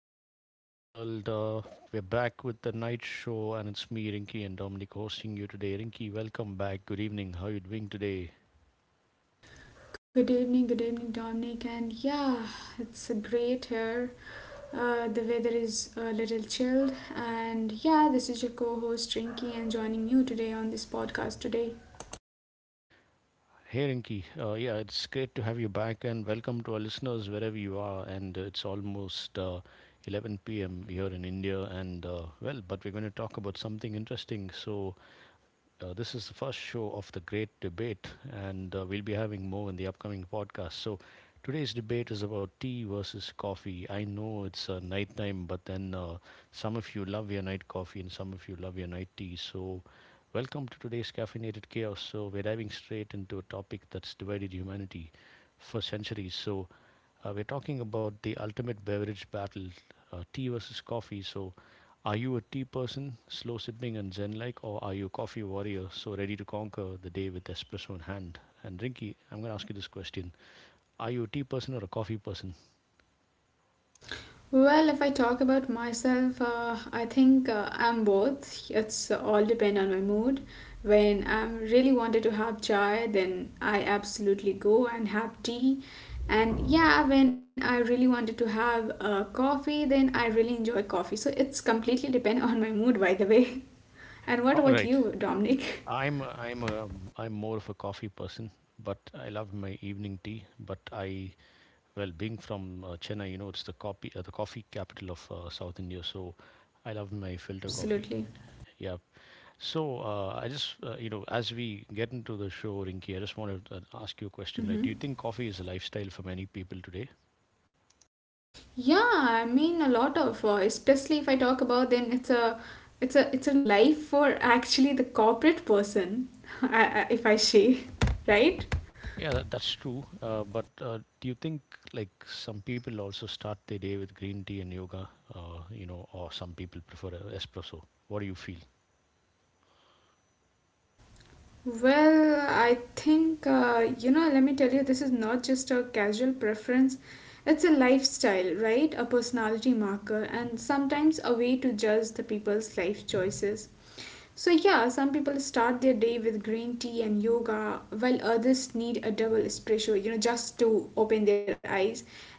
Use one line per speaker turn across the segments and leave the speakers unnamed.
you are in the world. We're back with the night show, and it's me, Rinky, and Dominic hosting you today. Rinky, welcome back. Good evening. How are you doing today?
Good evening, Dominic. And yeah, it's great here. The weather is a little chilled. And yeah, this is your co host, Rinky, and joining you today on this podcast today.
Hey Rinky, yeah, it's great to have you back, and welcome to our listeners wherever you are. And it's almost 11 p.m. here in India, and well, but we're going to talk about something interesting. So this is the first show of the great debate, and we'll be having more in the upcoming podcast. So, today's debate is about tea versus coffee. I know it's night time, but then some of you love your night coffee and some of you love your night tea. So, welcome to today's Caffeinated Chaos. So, we're diving straight into a topic that's divided humanity for centuries. So, we're talking about the ultimate beverage battle, tea versus coffee. So, are you a tea person, slow sipping and zen like, or are you a coffee warrior, so ready to conquer the day with espresso in hand? And Rinky, I'm going to ask you this question: Are you a tea person or a coffee person?
Well, if I talk about myself, I think I'm both. It's all depend on my mood. When I'm really wanted to have chai, then I absolutely go and have tea. And yeah, when I really wanted to have coffee, then I really enjoy coffee. So it's completely depend on my mood, by the way. And what
All
about
right,
you, Dominic?
I'm I'm a, I'm more of a coffee person, but I love my evening tea. Being from Chennai, you know, it's the coffee the coffee capital of South India, so I love my filter coffee.
Absolutely.
Yeah, so I just, you know, as we get into the show, Rinky, I just want to ask you a question. Right?
Mm-hmm.
Do you think coffee is a lifestyle for many people today?
Yeah, I mean a lot of especially if I talk about then it's a life for actually the corporate person if I say right.
Yeah, that's true. But do you think like some people also start their day with green tea and yoga, you know, or some people prefer a espresso? What do you feel?
Well, I think, you know, let me tell you, this is not just a casual preference. It's a lifestyle, right? A personality marker, and sometimes a way to judge the people's life choices. So, yeah, some people start their day with green tea and yoga, while others need a double espresso, you know, just to open their eyes.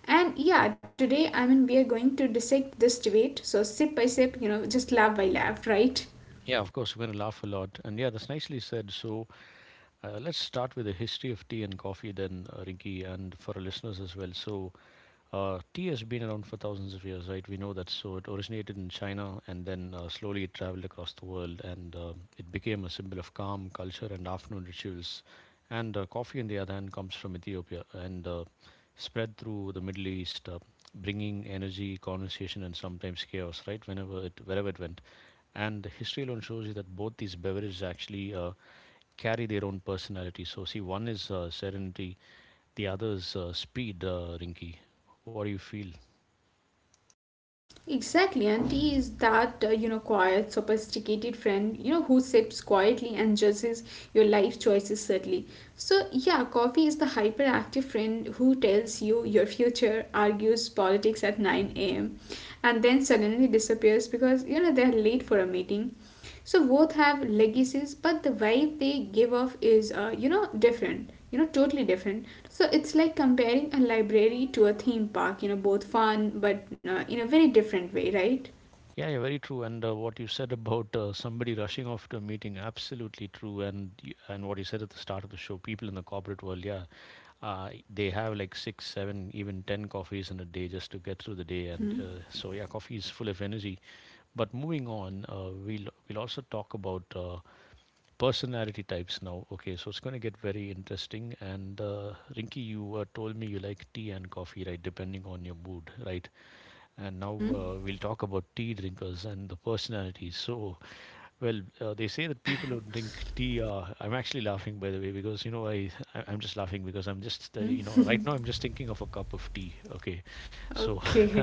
And yeah, today, I mean, we are going to dissect this debate. So, sip by sip, you know, just laugh by laugh, right?
Yeah, of course, we're going to laugh a lot. And yeah, that's nicely said. So let's start with the history of tea and coffee then, Rinky, and for our listeners as well. So tea has been around for thousands of years, right? We know that. So it originated in China and then slowly it traveled across the world, and it became a symbol of calm, culture, and afternoon rituals. And coffee, on the other hand, comes from Ethiopia and spread through the Middle East, bringing energy, conversation, and sometimes chaos, right? Wherever it went. And history alone shows you that both these beverages actually carry their own personality. So, see, one is serenity, the other is speed, Rinky. What do you feel?
Exactly, and he is that you know quiet, sophisticated friend you know who sips quietly and judges your life choices subtly. So yeah, coffee is the hyperactive friend who tells you your future, argues politics at nine a.m., and then suddenly disappears because you know they're late for a meeting. So both have legacies, but the vibe they give off is, you know, different. You know, totally different. So it's like comparing a library to a theme park. You know, both fun, but in a very different way, right?
Yeah, yeah, very true. And what you said about somebody rushing off to a meeting, absolutely true. And and what you said at the start of the show, people in the corporate world, yeah, they have like six, seven, even 10 coffees in a day just to get through the day. And so yeah, coffee is full of energy. But moving on, we'll also talk about personality types now. Okay, so it's going to get very interesting. And Rinky, you told me you like tea and coffee, right? Depending on your mood, right? And now
Mm-hmm.
we'll talk about tea drinkers and the personalities. So, well, they say that people who drink tea are. I'm actually laughing, by the way, because you know I'm just laughing because I'm just you
Mm-hmm.
know, right now I'm just thinking of a cup of tea. Okay, so
Okay.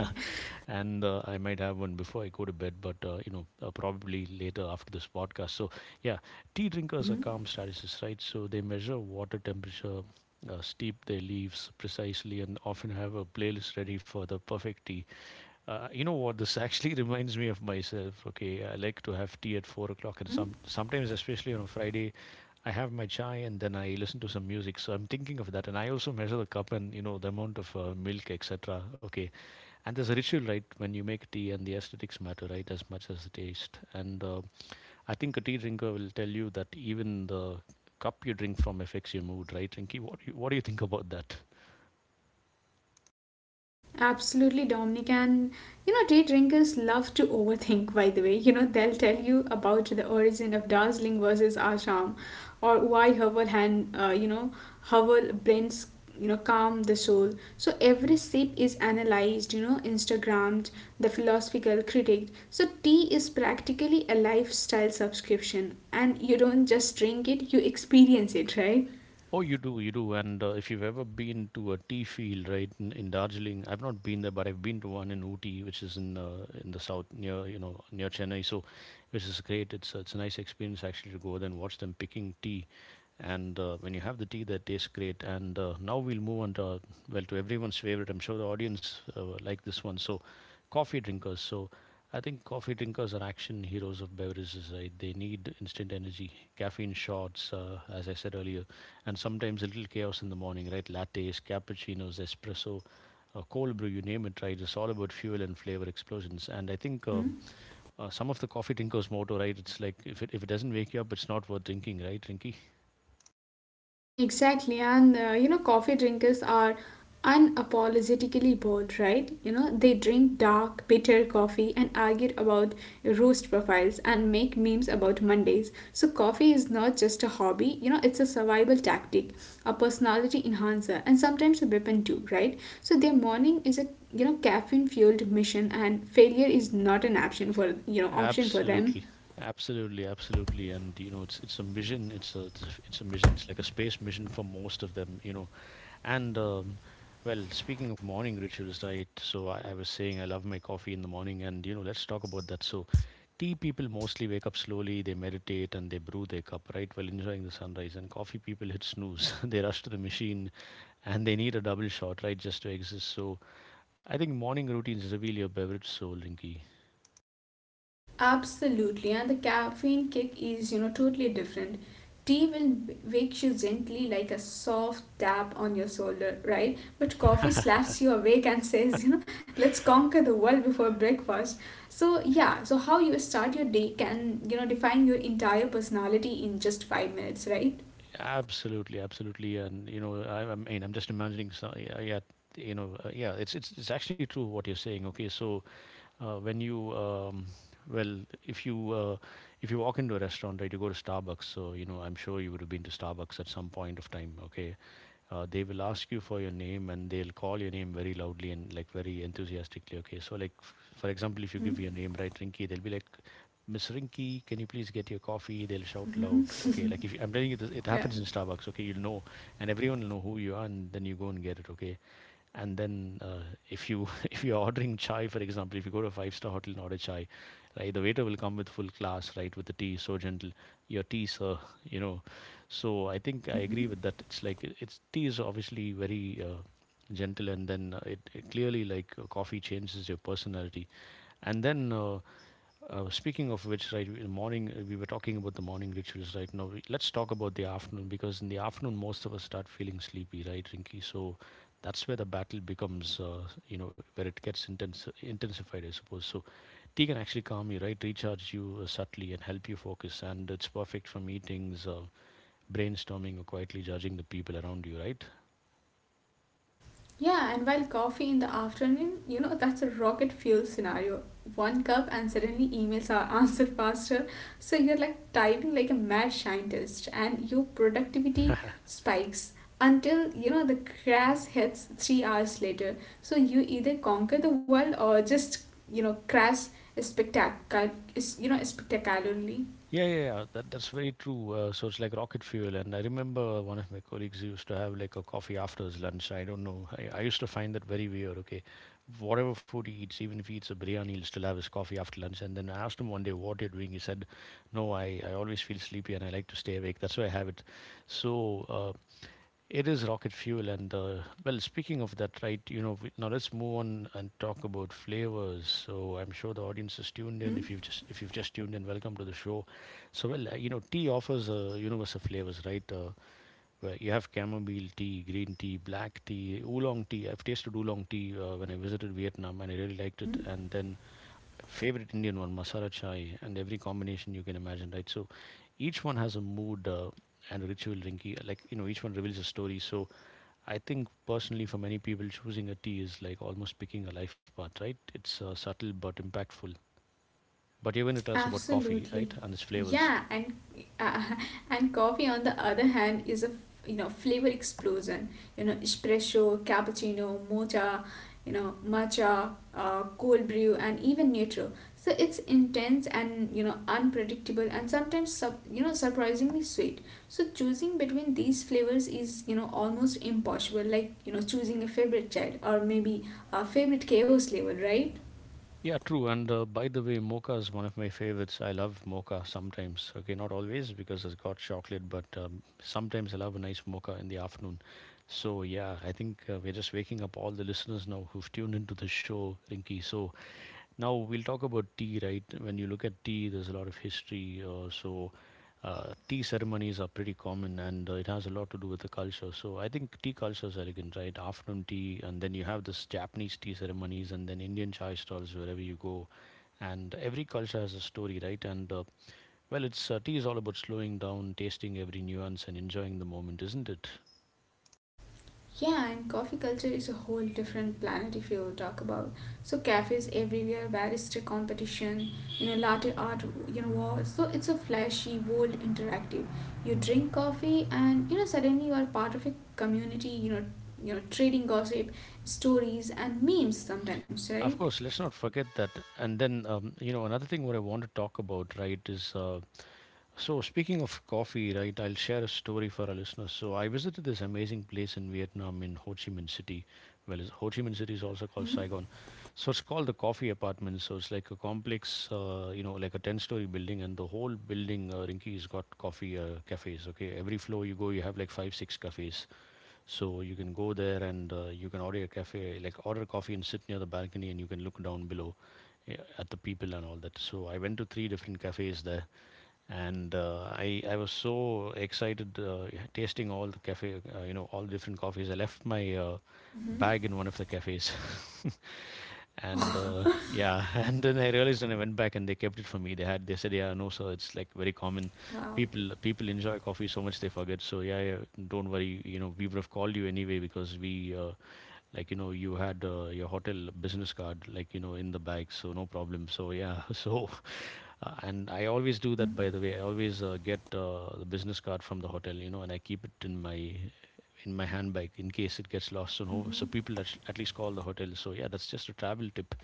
and I might have one before I go to bed, but you know, probably later after this podcast. So yeah, tea drinkers are calm statuses, right? So they measure water temperature. Steep their leaves precisely and often have a playlist ready for the perfect tea. You know what? This actually reminds me of myself. Okay, I like to have tea at 4 o'clock,
Mm-hmm.
and sometimes, especially on a Friday, I have my chai and then I listen to some music. So I'm thinking of that, and I also measure the cup and you know the amount of milk, etc. Okay, and there's a ritual, right? When you make tea, and the aesthetics matter, right, as much as the taste. And I think a tea drinker will tell you that even the cup you drink from affects your mood, right, Rinky? What do you think about that?
Absolutely, Dominic. And you know, day drinkers love to overthink, by the way. You know, they'll tell you about the origin of Darjeeling versus Assam or why herbal blends, you know, calm the soul. So every sip is analyzed, you know, Instagrammed, the philosophical critic. So tea is practically a lifestyle subscription, and you don't just drink it, you experience it, right?
Oh, you do, you do. And if you've ever been to a tea field, right, in Darjeeling, I've not been there, but I've been to one in Ooty, which is in the south near, you know, near Chennai. So, which is great. It's a nice experience actually to go there and watch them picking tea, and when you have the tea that tastes great. And now we'll move on to well, to everyone's favorite. I'm sure the audience like this one. So coffee drinkers. So I think coffee drinkers are action heroes of beverages, right? They need instant energy, caffeine shots, as I said earlier, and sometimes a little chaos in the morning, right? Lattes, cappuccinos, espresso, cold brew, you name it, right? It's all about fuel and flavor explosions. And I think some of the coffee drinkers' motto, right? It's like if it doesn't wake you up, it's not worth drinking, right, Rinky?
Exactly, and you know, coffee drinkers are unapologetically bold, right? You know, they drink dark, bitter coffee and argue about roast profiles and make memes about Mondays. So, coffee is not just a hobby, you know, it's a survival tactic, a personality enhancer, and sometimes a weapon too, right? So, their morning is a you know caffeine fueled mission, and failure is not an option for you know option for them.
Absolutely, absolutely, absolutely, and you know, it's a mission. It's a mission. It's like a space mission for most of them, you know. And well, speaking of morning rituals, right? So I was saying I love my coffee in the morning, and you know, let's talk about that. So, tea people mostly wake up slowly, they meditate, and they brew their cup, right, while enjoying the sunrise. And coffee people hit snooze. They rush to the machine, and they need a double shot, right, just to exist. So I think morning routines reveal your beverage soul, Rinky.
Absolutely, and the caffeine kick is, you know, totally different. Tea will wake you gently like a soft tap on your shoulder, right? But coffee slaps you awake and says, you know, let's conquer the world before breakfast. So, yeah, so how you start your day can, you know, define your entire personality in just 5 minutes, right?
Absolutely, absolutely, and you know, I mean, I'm just imagining. So, yeah, yeah, you know, yeah, it's actually true what you're saying. Okay, so when you, well, if you uh, if you walk into a restaurant, right, you go to Starbucks. So you know, I'm sure you would have been to Starbucks at some point of time. Okay, they will ask you for your name, and they'll call your name very loudly and like very enthusiastically, okay, so like for example, if you
Hmm.
give your name, right, Rinky, they'll be like, Miss Rinky, can you please get your coffee, they'll shout
Hmm.
loud, okay, like if you, I'm telling you this, it happens in Starbucks, okay, you'll know, and everyone will know who you are, and then you go and get it, okay. And then if you if you're ordering chai, for example, if you go to a five-star hotel and order chai, right, the waiter will come with full class, right, with the tea so gentle, your tea sir, you know. So I think I
Yeah.
agree with that. It's like, it's, tea is obviously very gentle, and then it clearly like coffee changes your personality. And then speaking of which, right, in the morning, we were talking about the morning rituals right now. We, let's talk about the afternoon, because in the afternoon, most of us start feeling sleepy, right, Rinky? So that's where the battle becomes, you know, where it gets intense, intensified, I suppose. So tea can actually calm you, right, recharge you subtly and help you focus. And it's perfect for meetings, brainstorming, or quietly judging the people around you, right?
Yeah, and while coffee in the afternoon, you know, that's a rocket fuel scenario. One cup and suddenly emails are answered faster. So you're like typing like a mad scientist and your productivity spikes until, you know, the crash hits 3 hours later. So you either conquer the world or just, you know, crash you know, spectacularly.
Yeah, yeah, yeah. That's very true. So it's like rocket fuel. And I remember one of my colleagues used to have like a coffee after his lunch. I don't know. I used to find that very weird. Okay. Whatever food he eats, even if he eats a biryani, he'll still have his coffee after lunch. And then I asked him one day, what you're doing? He said, no, I always feel sleepy and I like to stay awake. That's why I have it. So it is rocket fuel, and well, speaking of that, right? You know, we, now let's move on and talk about flavors. So I'm sure the audience is tuned in.
Mm-hmm.
If you've just tuned in, welcome to the show. So well, you know, tea offers a universe of flavors, right? Where you have chamomile tea, green tea, black tea, oolong tea. I've tasted oolong tea when I visited Vietnam, and I really liked it.
Mm-hmm.
And then favorite Indian one, masala chai, and every combination you can imagine, right? So each one has a mood and a ritual, Rinky. Like you know, each one reveals a story. So I think personally, for many people, choosing a tea is like almost picking a life path, right? It's subtle but impactful. But even it is about coffee, right?
Absolutely.
And its flavors.
Yeah, and uh, and coffee on the other hand is a you know flavor explosion. You know, espresso, cappuccino, mocha, you know, matcha, cold brew, and even neutral. So it's intense and you know unpredictable and sometimes sub you know surprisingly sweet. So choosing between these flavors is you know almost impossible. Like you know choosing a favorite child or maybe a favorite chaos level, right?
Yeah, true. And by the way, mocha is one of my favorites. I love mocha sometimes. Okay, not always because it's got chocolate, but sometimes I love a nice mocha in the afternoon. So, yeah, I think we're just waking up all the listeners now who've tuned into the show, Rinky. So now we'll talk about tea, right? When you look at tea, there's a lot of history. So tea ceremonies are pretty common, and it has a lot to do with the culture. So I think tea culture is elegant, right? Afternoon tea, and then you have this Japanese tea ceremonies, and then Indian chai stalls wherever you go. And every culture has a story, right? And well, it's Tea is all about slowing down, tasting every nuance, and enjoying the moment, isn't it?
Yeah, and coffee culture is a whole different planet if you talk about. So cafes everywhere, barista competition, you know, latte art, you know, war. So it's a flashy, bold, interactive. You drink coffee, and you know, suddenly you are part of a community. You know, trading gossip, stories, and memes sometimes, right?
Of course, let's not forget that. And then, another thing what I want to talk about, right, is, speaking of coffee, right, I'll share a story for our listeners. So, I visited this amazing place in Vietnam in Ho Chi Minh City. Ho Chi Minh City is also called
Mm-hmm.
Saigon. So, it's called the Coffee Apartments. So, it's like a complex, like a 10-story building, and the whole building, Rinky, has got coffee cafes. Okay, every floor you go, you have like five, six cafes. So, you can go there and you can order a cafe, like order coffee and sit near the balcony, and you can look down below, yeah, at the people and all that. So I went to three different cafes there, and I was so excited tasting all the cafe, all different coffees. I left my
Mm-hmm.
bag in one of the cafes, and
Oh,
yeah, and then I realized when I went back and they kept it for me. They said, yeah, no, sir, it's like very common.
wow.
People enjoy coffee so much they forget. So yeah, yeah, don't worry, you know, we would have called you anyway because we. Like you know you had your hotel business card like you know in the bag, so no problem. So yeah, so and I always do that, by the way. I always get the business card from the hotel, you know, and I keep it in my handbag in case it gets lost, so no, so
Mm-hmm.
people at least call the hotel. So yeah, that's just a travel tip,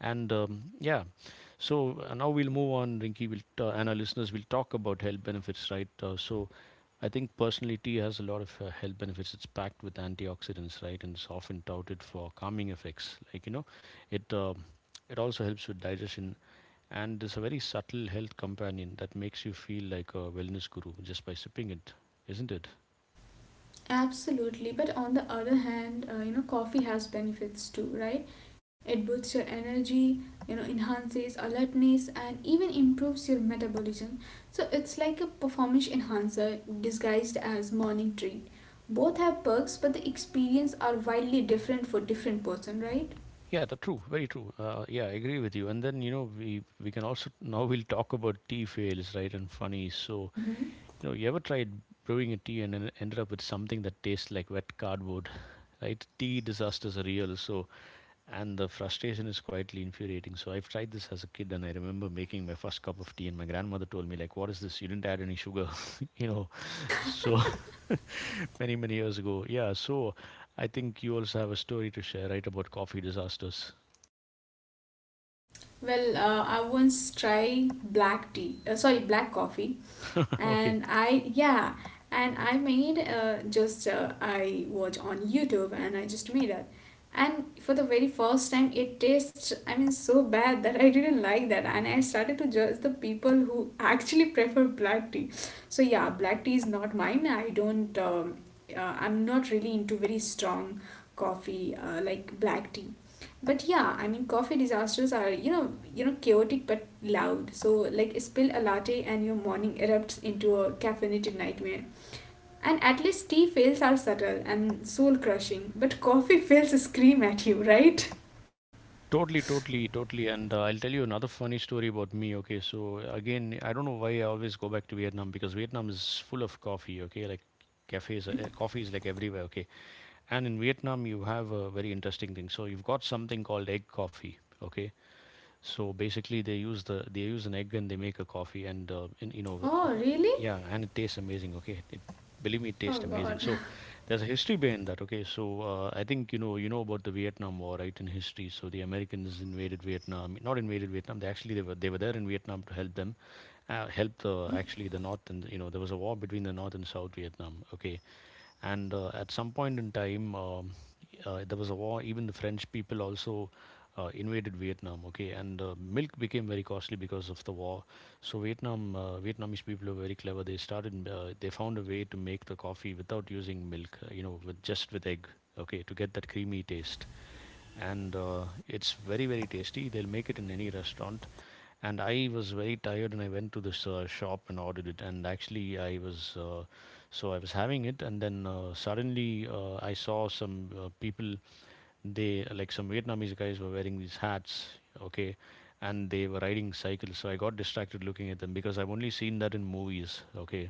and yeah. So now we'll move on. And our listeners will talk about health benefits, right? So I think personally, tea has a lot of health benefits. It's packed with antioxidants, right, and it's often touted for calming effects. Like you know, it uh, it also helps with digestion, and it's a very subtle health companion that makes you feel like a wellness guru just by sipping it, isn't it?
Absolutely, but on the other hand, you know, coffee has benefits too, right? It boosts your energy, you know, enhances alertness, and even improves your metabolism. So it's like a performance enhancer disguised as morning treat. Both have perks, but the experience are wildly different for different person, right?
Yeah, that's true. Very true. Yeah, I agree with you. And then you know, we can also now we'll talk about tea fails, right, and funny. So
Mm-hmm.
you know, you ever tried brewing a tea and ended up with something that tastes like wet cardboard, right? Tea disasters are real, so, and the frustration is quietly infuriating. So I've tried this as a kid, and I remember making my first cup of tea, and my grandmother told me like, "What is this? You didn't add any sugar," you know. So many many years ago, yeah. So I think you also have a story to share, right, about coffee disasters?
Well, I once tried black tea, sorry, black coffee,
Okay.
and I yeah, and I made just I watch on YouTube and I just made it, and for the very first time it tastes I mean so bad that I didn't like that, and I started to judge the people who actually prefer black tea. So yeah, black tea is not mine. I don't. I'm not really into very strong coffee like black tea but yeah, I mean, coffee disasters are you know chaotic but loud. So like spill a latte and your morning erupts into a caffeinated nightmare. And at least tea fails are subtle and soul crushing, but coffee fails scream at you, right?
Totally, totally, totally. And I'll tell you another funny story about me. Okay, so again, I don't know why I always go back to Vietnam because Vietnam is full of coffee. Okay, like cafes,
Mm-hmm.
coffee is like everywhere. Okay, and in Vietnam you have a very interesting thing. So you've got something called egg coffee. Okay, so basically, they use an egg and they make a coffee, and
Oh, really?
yeah, and it tastes amazing. Okay, it, believe me, it
Oh,
tastes amazing.
God.
So there's a history behind that. Okay, so I think you know about the Vietnam War, right? In history, so the Americans invaded Vietnam, not invaded Vietnam. They were there in Vietnam to help them, help the
Mm-hmm.
actually the North, and you know there was a war between the North and South Vietnam. Okay, and at some point in time, there was a war, even the french people also invaded vietnam, okay, and milk became very costly because of the war. So vietnamese people were very clever. They found a way to make the coffee without using milk. You know, with just with egg. Okay, to get that creamy taste, and it's very very tasty. They'll make it in any restaurant, and I was very tired and I went to this shop and ordered it, and actually I was having it, and then suddenly I saw some people, they, like some vietnamese guys were wearing these hats, okay, and they were riding cycles, so I got distracted looking at them because I've only seen that in movies, okay.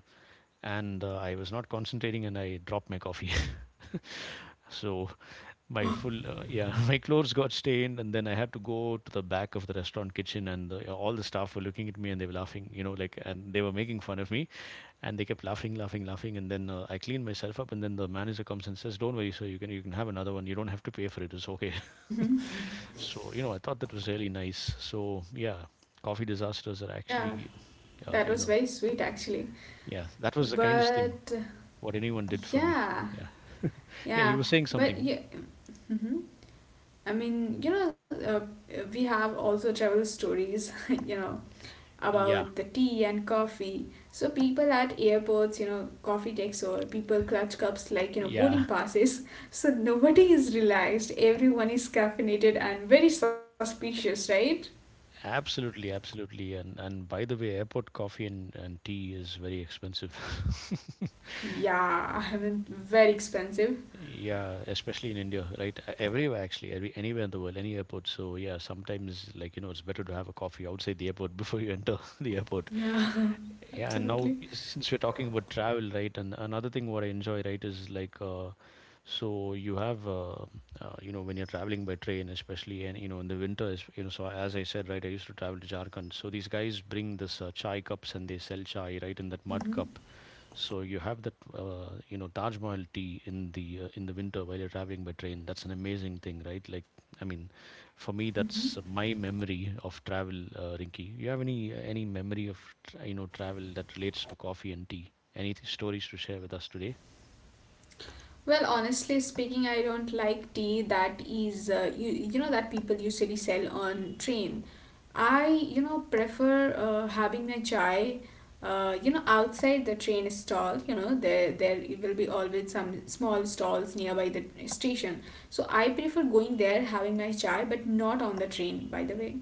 And I was not concentrating and I dropped my coffee. So my
Oh.
full yeah, my clothes got stained, and then I had to go to the back of the restaurant kitchen, and the, all the staff were looking at me, and they were laughing, you know, like, and they were making fun of me, and they kept laughing laughing laughing, and then I cleaned myself up, and then the manager comes and says, don't worry sir, you can have another one, you don't have to pay for it, it's okay.
Mm-hmm.
So you know I thought that was really nice. So yeah, coffee disasters are
Yeah,
actually uh, you
that
know
was very sweet actually.
yeah, that was the kindest thing
But
what anyone did for me. Yeah.
yeah,
Yeah, you were
yeah,
saying something.
but yeah. Mm-hmm. I mean, you know, we have also travel stories, you know,
Yeah,
about the tea and coffee. So people at airports, you know, coffee takes over. People clutch cups like, you know,
yeah.
boarding passes. So nobody is relaxed. Everyone is caffeinated and very suspicious, right?
Absolutely, absolutely. And by the way, airport coffee and tea is very expensive.
Yeah, I mean, very expensive.
Yeah, especially in India, right? Everywhere actually, every, anywhere in the world, any airport. So yeah, sometimes like you know, it's better to have a coffee outside the airport before you enter the airport.
Yeah,
Yeah, and now
absolutely.
since we're talking about travel, right? And another thing what I enjoy, right, is like so you have uh, you know when you're traveling by train, especially, and you know in the winter, is you know, so as I said, right, I used to travel to Jharkhand. So these guys bring this chai cups and they sell chai, right, in that mud
Hmm.
cup. So you have that, Taj Mahal tea in the winter while you're traveling by train. That's an amazing thing, right? Like, I mean, for me, that's my memory of travel, Rinky. You have any memory of you know travel that relates to coffee and tea? Any stories to share with us today?
Well, honestly speaking, I don't like tea that is you you know that people usually sell on train. I you know prefer having my chai you know outside the train stall. You know there will be always some small stalls nearby the station. So I prefer going there having my chai, but not on the train. By the way,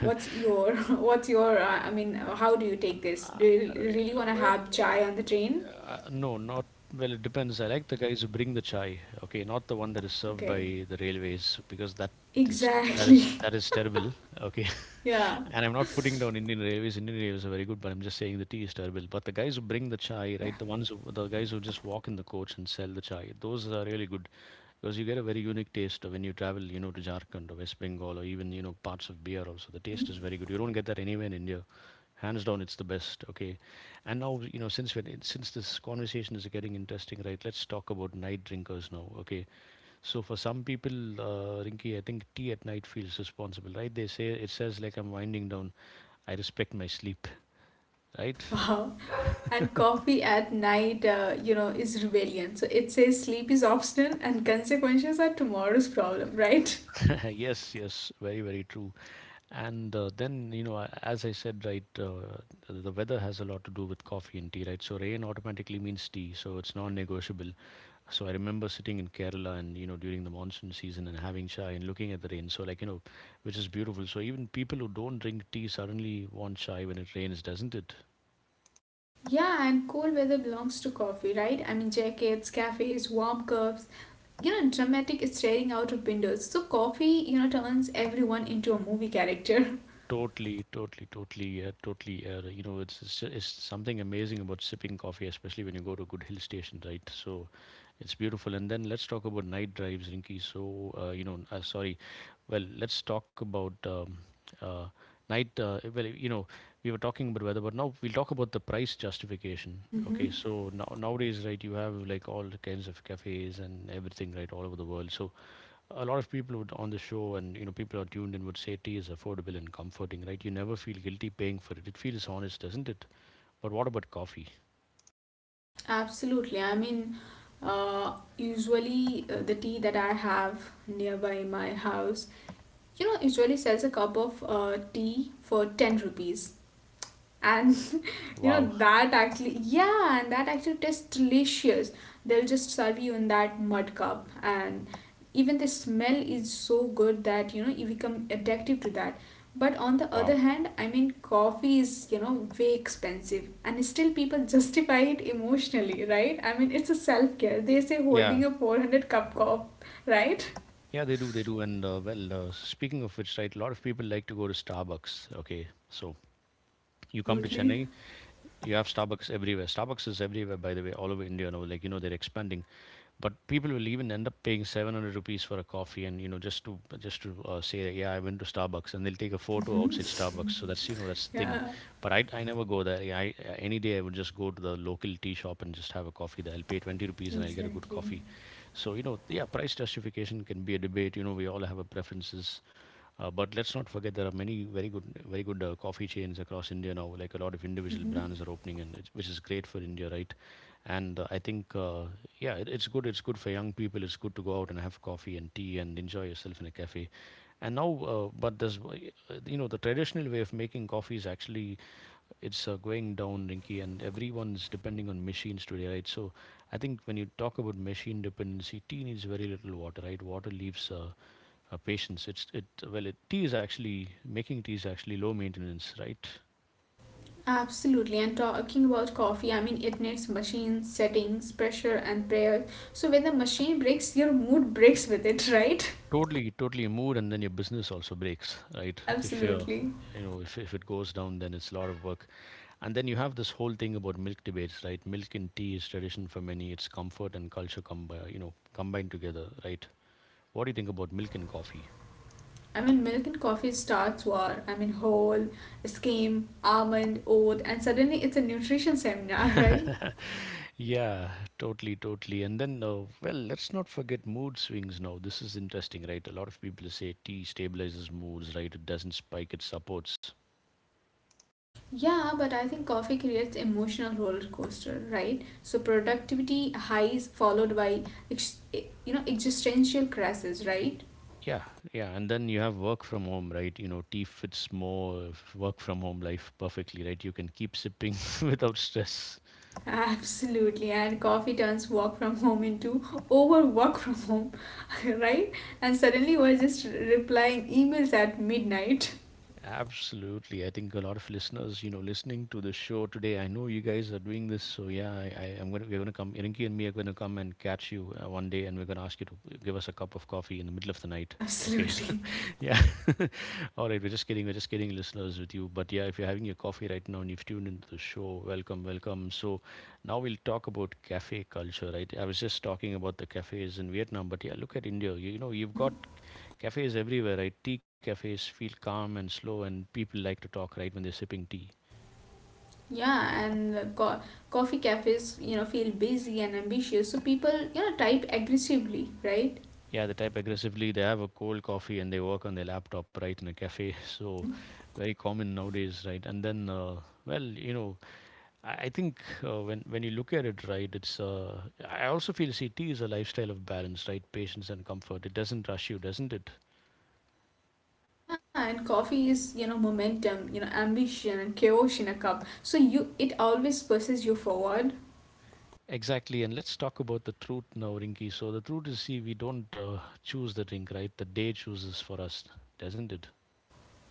what's your what's your I mean, how do you take this?
Uh,
Do you
wait,
really
uh,
want to
well,
have chai on the train?
no, not well. It depends. I like the guys who bring the chai. Okay, not the one that is served by
Okay,
the railways because that This, that is
exactly.
that is terrible. Okay,
Yeah.
and I'm not putting down Indian Railways. Indian Railways are very good, but I'm just saying the tea is terrible. But the guys who bring the chai,
Yeah.
right? The guys who just walk in the coach and sell the chai, those are really good because you get a very unique taste when you travel, you know, to Jharkhand or West Bengal or even you know parts of beer. Also, the taste
Hmm.
is very good. You don't get that anywhere in India. Hands down, it's the best. Okay, and now you know since since this conversation is getting interesting, right? Let's talk about night drinkers now. Okay, so for some people, Rinky, I think tea at night feels responsible, right? They say it says like I'm winding down. I respect my sleep, right?
Wow. And coffee at night, you know, is rebellion. So it says sleep is optional and consequences are tomorrow's problem, right?
Yes, yes, very, very true. And then you know, a- as I said, right, the weather has a lot to do with coffee and tea, right? So rain automatically means tea, so it's non-negotiable. So I remember sitting in Kerala and you know during the monsoon season and having chai and looking at the rain. So like you know, which is beautiful. So even people who don't drink tea suddenly want chai when it rains, doesn't it?
Yeah, and cold weather belongs to coffee, right? I mean, jackets, cafes, warm cups, you know, dramatic staring out of windows. So coffee, you know, turns everyone into a movie character.
Totally, totally, totally, yeah, totally. You know, it's something amazing about sipping coffee, especially when you go to a good hill station, right? So, it's beautiful. And then let's talk about night drives, Rinky. So, you know, sorry. Well, let's talk about uh, Night. You know, we were talking about weather, but now we'll talk about the price justification. Okay, so now nowadays, right, you have like all kinds of cafes and everything, right, all over the world. So, a lot of people would on the show and you know people are tuned in would say tea is affordable and comforting, right? You never feel guilty paying for it. It feels honest, doesn't it? But what about coffee?
Absolutely. I mean, usually the tea that I have nearby my house, you know, usually sells a cup of tea for 10 rupees and you know
Wow.
that actually yeah and that actually tastes delicious. They'll just serve you in that mud cup and even the smell is so good that you know you become addictive to that. But on the other
Wow.
hand I mean coffee is you know way expensive and still people justify it emotionally, right? I mean it's a self-care, they say,
Yeah,
holding a 400 cup, right?
yeah, they do, they do. And well Speaking of which, right, a lot of people like to go to Starbucks, okay. So you come to
Absolutely.
Chennai, you have Starbucks everywhere. Starbucks is everywhere, by the way, all over India now, like, you know, they're expanding. But people will even end up paying 700 rupees for a coffee, and you know, just to say that, yeah, I went to Starbucks, and they'll take a photo
Mhm.
outside Starbucks. So that's, you know, that's the thing.
Yeah,
But I never go there. Yeah, any day I would just go to the local tea shop and just have a coffee there. I'll pay 20 rupees and I'll get a good
exactly.
coffee. So you know, yeah, price justification can be a debate. You know, we all have our preferences. But let's not forget there are many very good, very good coffee chains across India now. Like a lot of individual
Mm-hmm.
brands are opening, and it's, which is great for India, right? And uh, I think, uh, yeah, it's good. It's good for young people. It's good to go out and have coffee and tea and enjoy yourself in a cafe. And now, but there's, w- You know, the traditional way of making coffee is actually it's going down, Rinky, and everyone's depending on machines today, right? So I think when you talk about machine dependency, tea needs very little water, right? Water leaves. Patience. It's it well, it, tea is actually Making tea is actually low maintenance, right?
Absolutely, and talking about coffee, I mean, it needs machine settings, pressure, and prayer. So when the machine breaks, your mood breaks with it, right?
Totally, totally a mood, and then your business also breaks, right? If you're,
Absolutely.
you know, if it goes down, then it's a lot of work. And then you have this whole thing about milk debates, right? Milk and tea is tradition for many. It's comfort and culture you know, combined together, right? What do you think about milk and coffee?
I mean, milk and coffee starts war. I mean, whole, skim, almond, oat, and suddenly it's a nutrition seminar, right?
Yeah, totally, totally. Let's not forget mood swings now. This is interesting, right? A lot of people say tea stabilizes moods, right? It doesn't spike, it supports.
Yeah, but I think coffee creates emotional roller coaster, right? So productivity highs followed by you know existential crashes, right?
Yeah, yeah, and then you have work from home, right? You know, tea fits more work from home life perfectly, right? You can keep sipping without stress.
Absolutely, and coffee turns work from home into overwork from home, right? And suddenly we're just replying emails at midnight.
Absolutely. I think a lot of listeners, you know, listening to the show today, I know you guys are doing this, so yeah, I am gonna we're gonna come. Irinki and me are gonna come and catch you one day, and we're gonna ask you to give us a cup of coffee in the middle of the night. Okay.
Absolutely.
Yeah. All right, we're just kidding. We're just kidding, listeners, with you. But yeah, if you're having your coffee right now and you've tuned into the show, welcome, welcome. So now we'll talk about cafe culture, right? I was just talking about the cafes in Vietnam, but yeah, look at India. You know, you've
Mhm.
got cafes everywhere, right? Tea cafes feel calm and slow, and people like to talk, right, when they're sipping tea.
Yeah, and the coffee cafes, you know, feel busy and ambitious, so people, you know, type aggressively, right?
Yeah, they type aggressively. They have a cold coffee and they work on their laptop, right, in a cafe. So
Hmm.
very common nowadays, right? And then, well, you know, I think when you look at it right, it's. I also feel CT is a lifestyle of balance, right? Patience and comfort. It doesn't rush you, doesn't it?
Yeah, and coffee is, you know, momentum, you know, ambition and chaos in a cup. So you, it always pushes you forward.
Exactly. And let's talk about the truth now, Rinky. So the truth is, see, we don't choose the drink, right? The day chooses for us, doesn't it?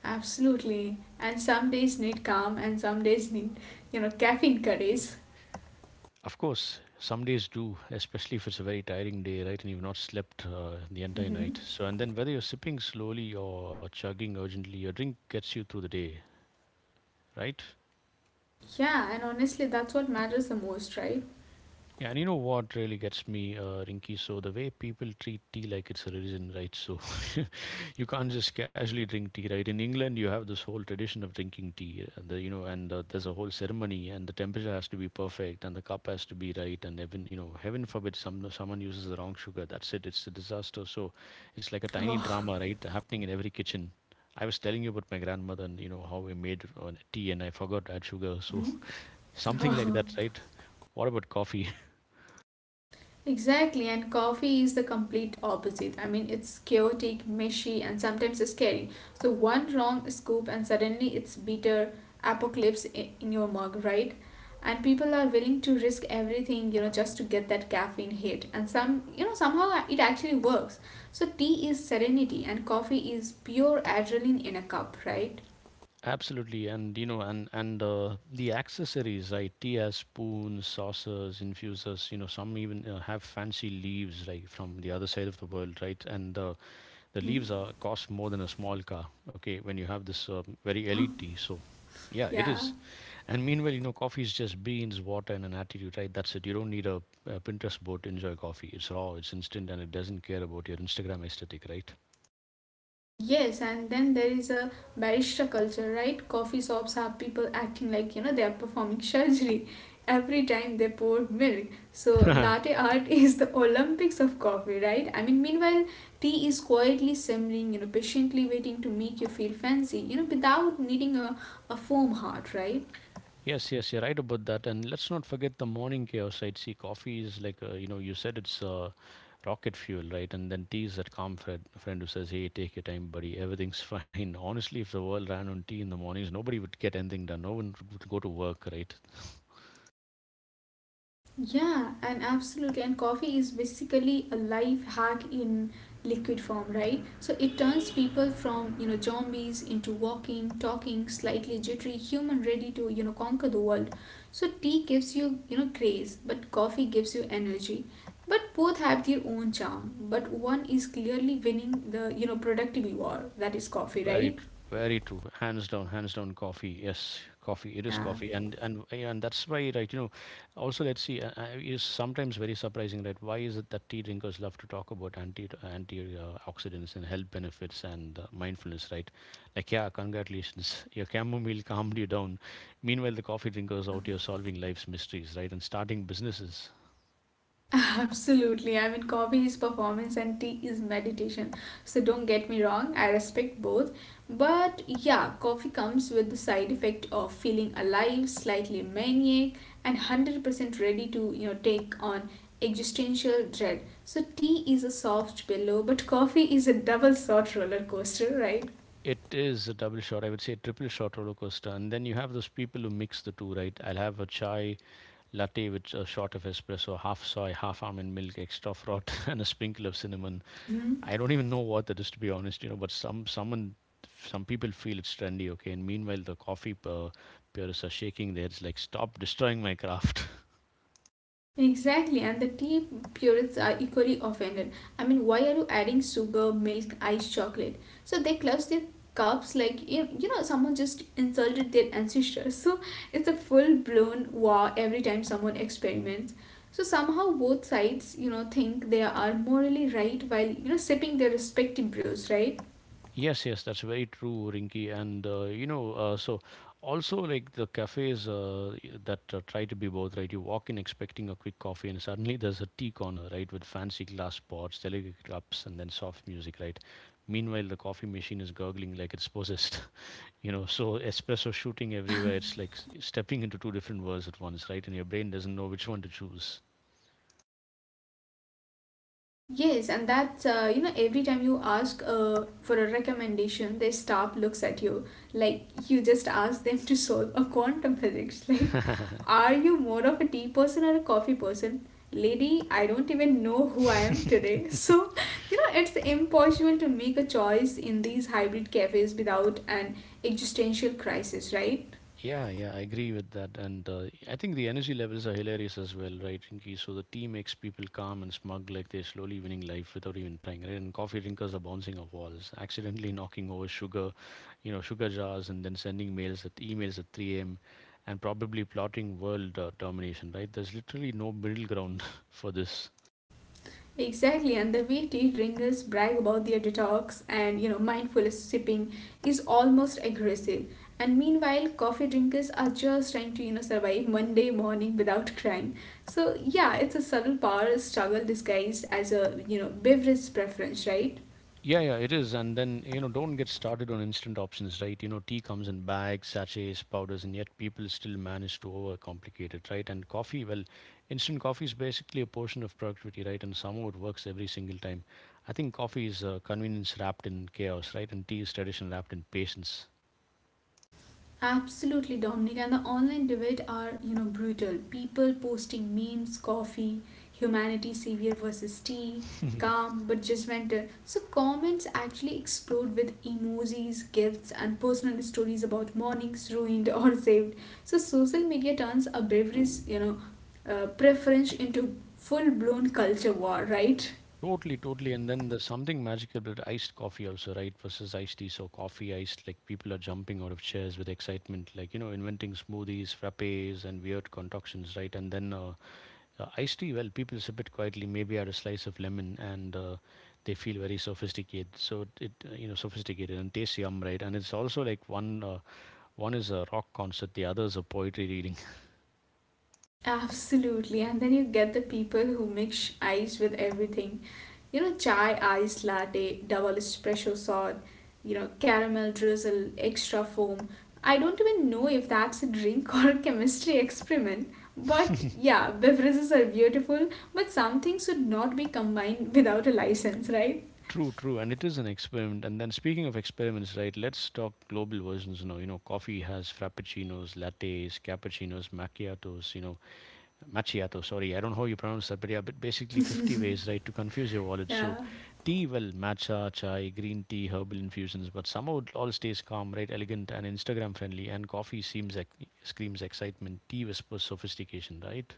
Absolutely. And some days need calm and some days need, you know, caffeine courage.
Of course, some days do, especially if it's a very tiring day, right? And you've not slept the entire
Mm-hmm.
night. So, and then whether you're sipping slowly or chugging urgently, your drink gets you through the day, right?
Yeah, and honestly, that's what matters the most, right?
Yeah, and you know what really gets me, Rinky? So the way people treat tea like it's a religion, right? So you can't just casually drink tea, right? In England, you have this whole tradition of drinking tea, and you know, and there's a whole ceremony, and the temperature has to be perfect, and the cup has to be right, and even you know, heaven forbid someone uses the wrong sugar. That's it. It's a disaster. So it's like a tiny
Oh.
drama, right, happening in every kitchen. I was telling you about my grandmother and you know how we made tea, and I forgot to add sugar. So
Mm-hmm.
something like that, right? What about coffee?
Exactly, and coffee is the complete opposite. I mean, it's chaotic, messy, and sometimes scary. So, one wrong scoop, and suddenly it's bitter apocalypse in your mug, right? And people are willing to risk everything, you know, just to get that caffeine hit. And some, you know, somehow it actually works. So, tea is serenity, and coffee is pure adrenaline in a cup, right?
Absolutely, and you know, and the accessories, right? Tea spoons, saucers, infusers. You know, some even have fancy leaves, right, from the other side of the world, right? And The
Mm-hmm.
leaves are cost more than a small car. Okay, when you have this very elite tea, so yeah, it
Yeah.
is. And meanwhile, you know, coffee is just beans, water, and an attitude, right? That's it. You don't need a Pinterest board to enjoy coffee. It's raw, it's instant, and it doesn't care about your Instagram aesthetic, right?
Yes, and then there is a barista culture, right? Coffee shops have people acting like you know they are performing surgery every time they pour milk. So latte art is the Olympics of coffee, right? I mean, meanwhile, tea is quietly simmering, you know, patiently waiting to make you feel fancy, you know, without needing a foam heart, right?
Yes, yes, you're right about that. And let's not forget the morning chaos, right? See, coffee is like, you know, you said it's rocket fuel, right? And then tea is that calm friend who says, hey, take your time, buddy. Everything's fine. Honestly, if the world ran on tea in the mornings, nobody would get anything done. No one would go to work, right?
Yeah, and absolutely. And coffee is basically a life hack in liquid form, right? So it turns people from, zombies into walking, talking, slightly jittery human ready to, conquer the world. So tea gives you, craze, but coffee gives you energy. But both have their own charm, but one is clearly winning the, productivity war, that is coffee, right?
Very true. Hands down, hands down. Coffee, yes, coffee. It is
Yeah.
coffee, and that's why, right? You know, also let's see. It is sometimes very surprising, right? Why is it that tea drinkers love to talk about anti oxidants and health benefits and mindfulness, right? Like, yeah, congratulations, your chamomile calmed you down. Meanwhile, the coffee drinkers out here solving life's mysteries, right, and starting businesses.
Absolutely. I mean, coffee is performance and tea is meditation. So don't get me wrong, I respect both. But yeah, coffee comes with the side effect of feeling alive, slightly maniac, and 100% ready to, take on existential dread. So tea is a soft pillow, but coffee is a double-shot roller coaster, right?
It is a double shot. I would say a triple shot roller coaster. And then you have those people who mix the two, right? I'll have a chai latte with a shot of espresso, half soy, half almond milk, extra froth, and a sprinkle of cinnamon. I don't even know what that is to be honest, you know. But someone, some people feel it's trendy, okay. And meanwhile, the coffee uh, purists are shaking their heads like, "Stop destroying my craft."
Exactly, and the tea purists are equally offended. I mean, why are you adding sugar, milk, ice, chocolate? So they clutch their cups like you know someone just insulted their ancestors. So it's a full blown war every time someone experiments. So somehow both sides think they are morally right while sipping their respective brews, right?
Yes, yes, that's very true, Rinky. So also like the cafes that try to be both, right? You walk in expecting a quick coffee, and suddenly there's a tea corner, right, with fancy glass pots, delicate cups, and then soft music, right? Meanwhile, the coffee machine is gurgling like it's possessed, you know. So espresso shooting
Yeah.
everywhere. It's like stepping into two different worlds at once, right? And your brain doesn't know which one to choose.
Yes, and that's, every time you ask for a recommendation, they staff looks at you. Like, you just ask them to solve a quantum physics. Like, are you more of a tea person or a coffee person? Lady, I don't even know who I am today. So, it's impossible to make a choice in these hybrid cafes without an existential crisis, right?
Yeah, yeah, I agree with that. And I think the energy levels are hilarious as well, right, Rinki? So the tea makes people calm and smug, like they're slowly winning life without even trying, right? And coffee drinkers are bouncing off walls, accidentally knocking over sugar, you know, sugar jars, and then sending mails at emails at 3 a.m. and probably plotting world domination, right? There's literally no middle ground for this.
Exactly, and the way tea drinkers brag about their detox and mindful sipping is almost aggressive. And meanwhile, coffee drinkers are just trying to survive Monday morning without crying. So yeah, it's a subtle power struggle disguised as a beverage preference, right?
Yeah, yeah, it is. And then, you know, don't get started on instant options, right? You know, tea comes in bags, sachets, powders, and yet people still manage to overcomplicate it, right? And coffee, well, instant coffee is basically a portion of productivity, right? And somehow it works every single time. I think coffee is convenience wrapped in chaos, right? And tea is tradition wrapped in patience.
Absolutely, Dominic, and the online debate are, brutal. People posting memes, coffee, humanity savior versus tea, calm but judgmental. So comments actually explode with emojis, gifts, and personal stories about mornings ruined or saved. So social media turns a beverage, preference into full-blown culture war, right?
Totally, totally. And then there's something magical about iced coffee also, right? Versus iced tea. So coffee iced, like people are jumping out of chairs with excitement, like, inventing smoothies, frappes, and weird concoctions, right? And then iced tea, well, people sip it quietly, maybe add a slice of lemon, and they feel very sophisticated. So it sophisticated and tastes yum, right? And it's also like one is a rock concert, the other is a poetry reading.
Absolutely, and then you get the people who mix ice with everything. You know, chai ice latte, double espresso shot, caramel drizzle, extra foam. I don't even know if that's a drink or a chemistry experiment. But yeah, beverages are beautiful, but some things should not be combined without a license, right?
True, true, and it is an experiment. And then speaking of experiments, right? Let's talk global versions. Coffee has frappuccinos, lattes, cappuccinos, macchiatos. You know, macchiato. Sorry, I don't know how you pronounce that, but yeah, but basically 50 ways, right, to confuse your wallet.
Yeah.
So, tea, well, matcha, chai, green tea, herbal infusions, but somehow it all stays calm, right, elegant and Instagram friendly. And coffee seems like screams excitement. Tea whispers sophistication, right?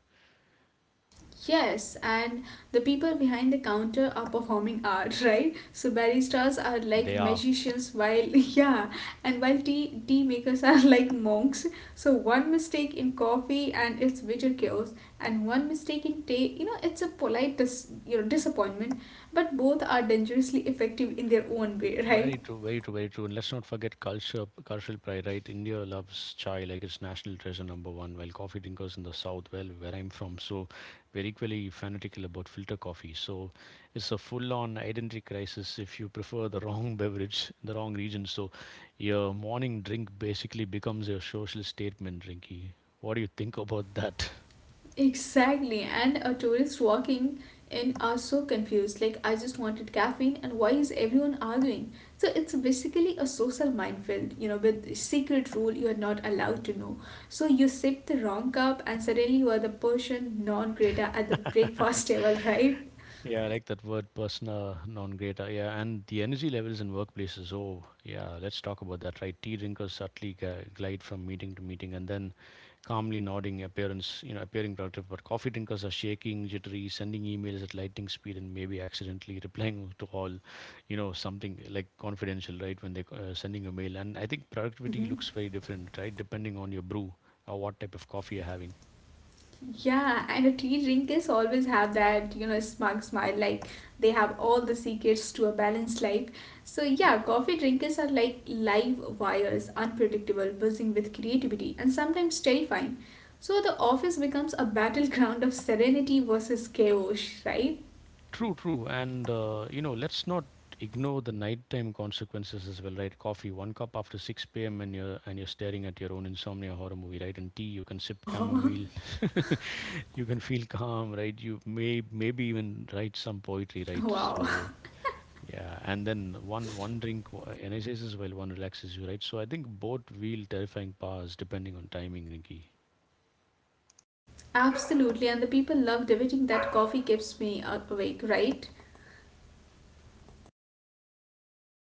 Yes, and the people behind the counter are performing art, right? So baristas are like
They are
magicians, while yeah, and while tea makers are like monks. So one mistake in coffee and it's bitter chaos, and one mistake in tea, it's a polite disappointment. But both are dangerously effective in their own way, right?
very true, very true, very true. And let's not forget culture, cultural pride, right? India loves chai like it's national treasure number one, while coffee drinkers in the south, well, where I'm from, so we're equally fanatical about filter coffee. So it's a full-on identity crisis if you prefer the wrong beverage, in the wrong region. So your morning drink basically becomes your social statement drinky. What do you think about that?
Exactly, and a tourist walking in are so confused. Like, I just wanted caffeine, and why is everyone arguing? So, it's basically a social minefield, with secret rule you are not allowed to know. So, you sip the wrong cup, and suddenly you are the Persian non grata at the breakfast table, right?
Yeah, I like that word persona non grata. Yeah, and the energy levels in workplaces. Oh, yeah, let's talk about that, right? Tea drinkers subtly glide from meeting to meeting and then calmly nodding appearance, appearing productive. But coffee drinkers are shaking, jittery, sending emails at lightning speed and maybe accidentally replying to all, you know, something like confidential, right? When they're sending a mail. And I think productivity looks very different, right? Depending on your brew or what type of coffee you're having.
Yeah, and a tea drinkers always have that, smug smile, like they have all the secrets to a balanced life. So, yeah, coffee drinkers are like live wires, unpredictable, buzzing with creativity, and sometimes terrifying. So, the office becomes a battleground of serenity versus chaos, right?
True, true. And, let's not ignore the nighttime consequences as well, right? Coffee, one cup after 6 p.m. and you're staring at your own insomnia horror movie, right? And tea, you can sip chamomile, you can feel calm, right? You maybe even write some poetry, right?
Wow.
So yeah, and then one drink energizes while one relaxes you, right? So I think both wield terrifying powers depending on timing, Rinky.
Absolutely, and the people love debating that coffee keeps me awake, right?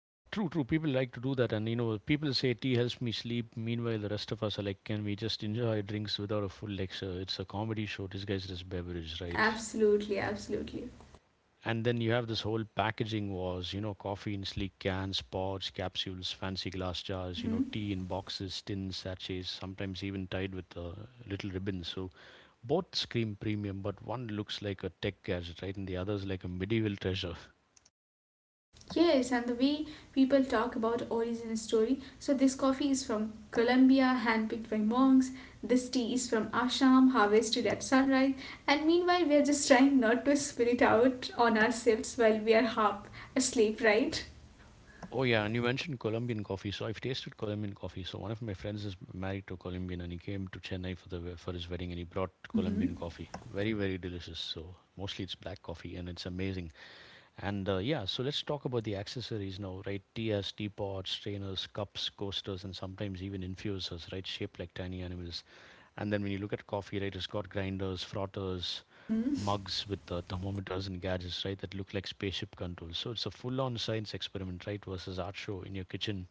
Yeah, true, true. People like to do that, and you know, people say tea helps me sleep. Meanwhile, the rest of us are like, can we just enjoy drinks without a full lecture? It's a comedy show. This guy's just beverage, right?
Absolutely, absolutely.
And then you have this whole packaging wars, you know, coffee in sleek cans, pods, capsules, fancy glass jars, you know,
Mm-hmm.
tea in boxes, tins, sachets, sometimes even tied with a little ribbon. So both scream premium, but one looks like a tech gadget, right? And the other's like a medieval treasure.
Yes, and the way people talk about origin story. So this coffee is from Colombia, handpicked by monks. This tea is from Assam, harvested at sunrise. And meanwhile, we are just trying not to spill it out on ourselves while we are half asleep, right?
Oh yeah, and you mentioned Colombian coffee. So I've tasted Colombian coffee. So one of my friends is married to a Colombian, and he came to Chennai for the for his wedding, and he brought Colombian
Mm-hmm.
coffee. Very very delicious. So mostly it's black coffee, and it's amazing. And yeah, so let's talk about the accessories now, right? Teas, teapots, strainers, cups, coasters, and sometimes even infusers, right? Shaped like tiny animals. And then when you look at coffee, right, it's got grinders, frotters,
Mm-hmm.
mugs with thermometers and gadgets, right, that look like spaceship controls. So it's a full-on science experiment, right, versus art show in your kitchen.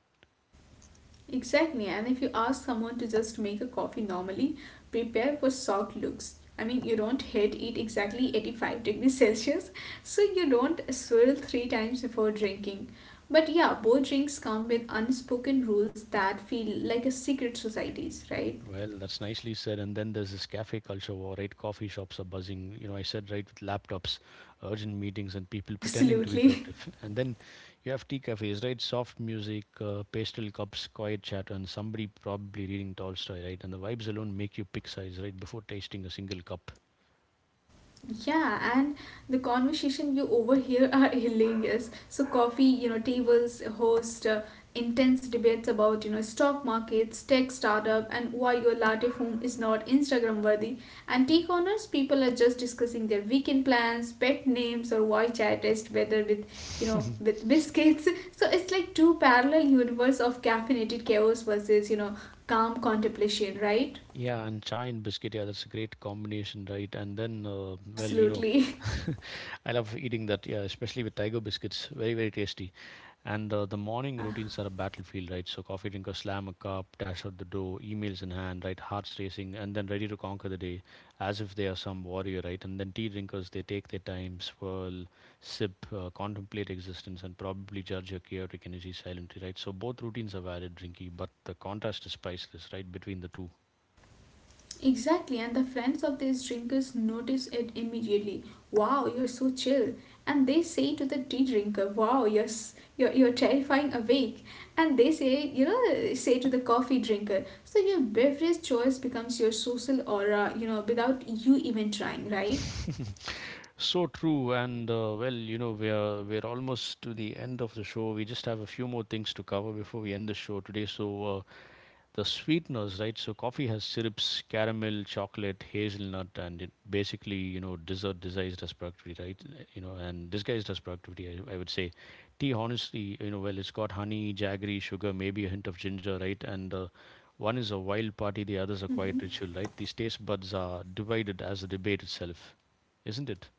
Exactly, and if you ask someone to just make a coffee normally, prepare for shock looks. I mean, you don't hit it exactly 85 degrees Celsius, so you don't swirl three times before drinking. But yeah, both drinks come with unspoken rules that feel like a secret societies, right?
Well, that's nicely said. And then there's this cafe culture war, right? Coffee shops are buzzing. You know, I said right with laptops, urgent meetings, and people pretending to be
Absolutely.
productive. And then you have tea cafes, right? Soft music, pastel cups, quiet chatter, and somebody probably reading Tolstoy, right? And the vibes alone make you pick sides, right? Before tasting a single cup.
Yeah, and the conversation you overhear are hilarious. So coffee, tables host intense debates about, stock markets, tech startup, and why your latte foam is not Instagram worthy. And tea corners, people are just discussing their weekend plans, pet names, or why chai tastes better with, with biscuits. So it's like two parallel universe of caffeinated chaos versus, calm contemplation, right?
Yeah, and chai and biscuit, yeah, that's a great combination, right? And then,
Absolutely.
I love eating that, yeah, especially with tiger biscuits, very, very tasty. And the morning
Yeah.
routines are a battlefield, right? So, coffee drinker, slam a cup, dash out the door, emails in hand, right? Hearts racing, and then ready to conquer the day as if they are some warrior, right? And then tea drinkers, they take their time, swirl, sip, contemplate existence, and probably judge your chaotic energy silently, right? So, both routines are valid, Drinky, but the contrast is priceless, right? Between the two.
Exactly, and the friends of these drinkers notice it immediately. Wow, you're so chill. And they say to the tea drinker, wow, you're, you're terrifying awake. And they say, say to the coffee drinker, so your beverage choice becomes your social aura, without you even trying, right?
So true, and we're almost to the end of the show. We just have a few more things to cover before we end the show today. So, the sweeteners, right? So coffee has syrups, caramel, chocolate, hazelnut, and it basically, you know, dessert disguised as productivity, right? You know, and disguised as productivity, I would say. Tea, honestly, you know, well, it's got honey, jaggery, sugar, maybe a hint of ginger, right? And one is a wild party, the other's a
Mm-hmm.
quiet ritual, right? These taste buds are divided as a debate itself, isn't it?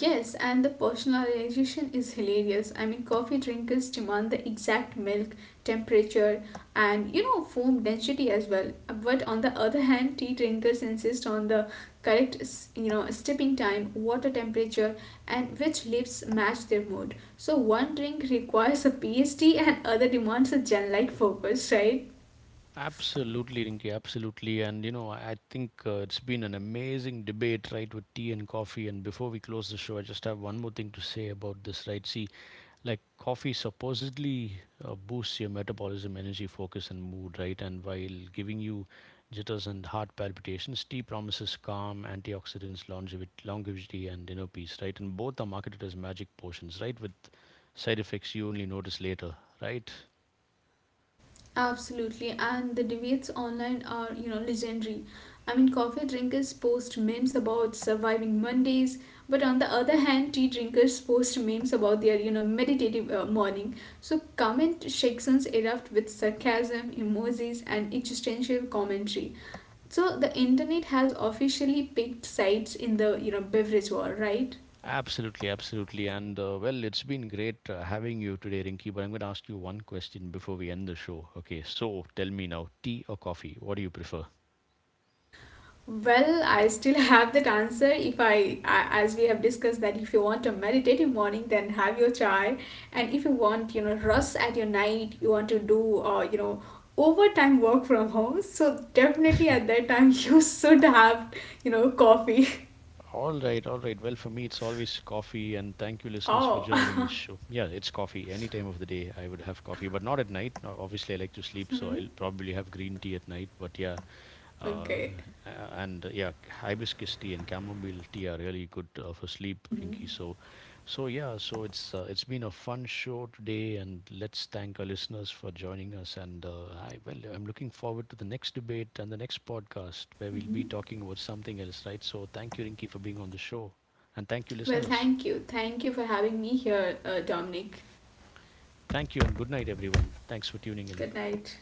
Yes, and the personalization is hilarious. I mean, coffee drinkers demand the exact milk temperature and foam density as well. But on the other hand, tea drinkers insist on the correct steeping time, water temperature, and which leaves match their mood. So one drink requires a PhD, and other demands a gen-like focus, right?
Absolutely, Rinki, absolutely. And you know, I think it's been an amazing debate, right, with tea and coffee. And before we close the show, I just have one more thing to say about this, right? See, like coffee supposedly boosts your metabolism, energy, focus, and mood, right? And while giving you jitters and heart palpitations, tea promises calm, antioxidants, longevity, and inner peace, right? And both are marketed as magic potions, right? With side effects you only notice later, right?
Absolutely, and the debates online are, legendary. I mean, coffee drinkers post memes about surviving Mondays, but on the other hand, tea drinkers post memes about their, meditative morning. So comment sections erupt with sarcasm, emojis, and existential commentary. So the internet has officially picked sides in the, beverage war, right?
Absolutely, absolutely. And well, it's been great having you today, Rinky. But I'm going to ask you one question before we end the show. Okay, so tell me now, tea or coffee? What do you prefer?
Well, I still have that answer. If I, I- as we have discussed, that if you want a meditative morning, then have your chai, and if you want, rest at your night, you want to do, overtime work from home. So definitely at that time, you should have, coffee.
All right, all right. Well, for me, it's always coffee. And thank you, listeners, for
Oh,
joining this show. Yeah, it's coffee. Any time of the day, I would have coffee, but not at night. Now, obviously, I like to sleep, so I'll probably have green tea at night. But yeah, Uh,
okay.
and yeah, hibiscus tea and chamomile tea are really good for sleep, Rinky.
Hmm.
So, so yeah, so it's been a fun show today, and let's thank our listeners for joining us. And I, well, I'm looking forward to the next debate and the next podcast where we'll be
Hmm.
talking about something else, right? So, thank you, Rinky, for being on the show, and thank you,
Well,
listeners.
thank you for having me here, Dominic.
Thank you, and good night, everyone. Thanks for tuning in.
Good night.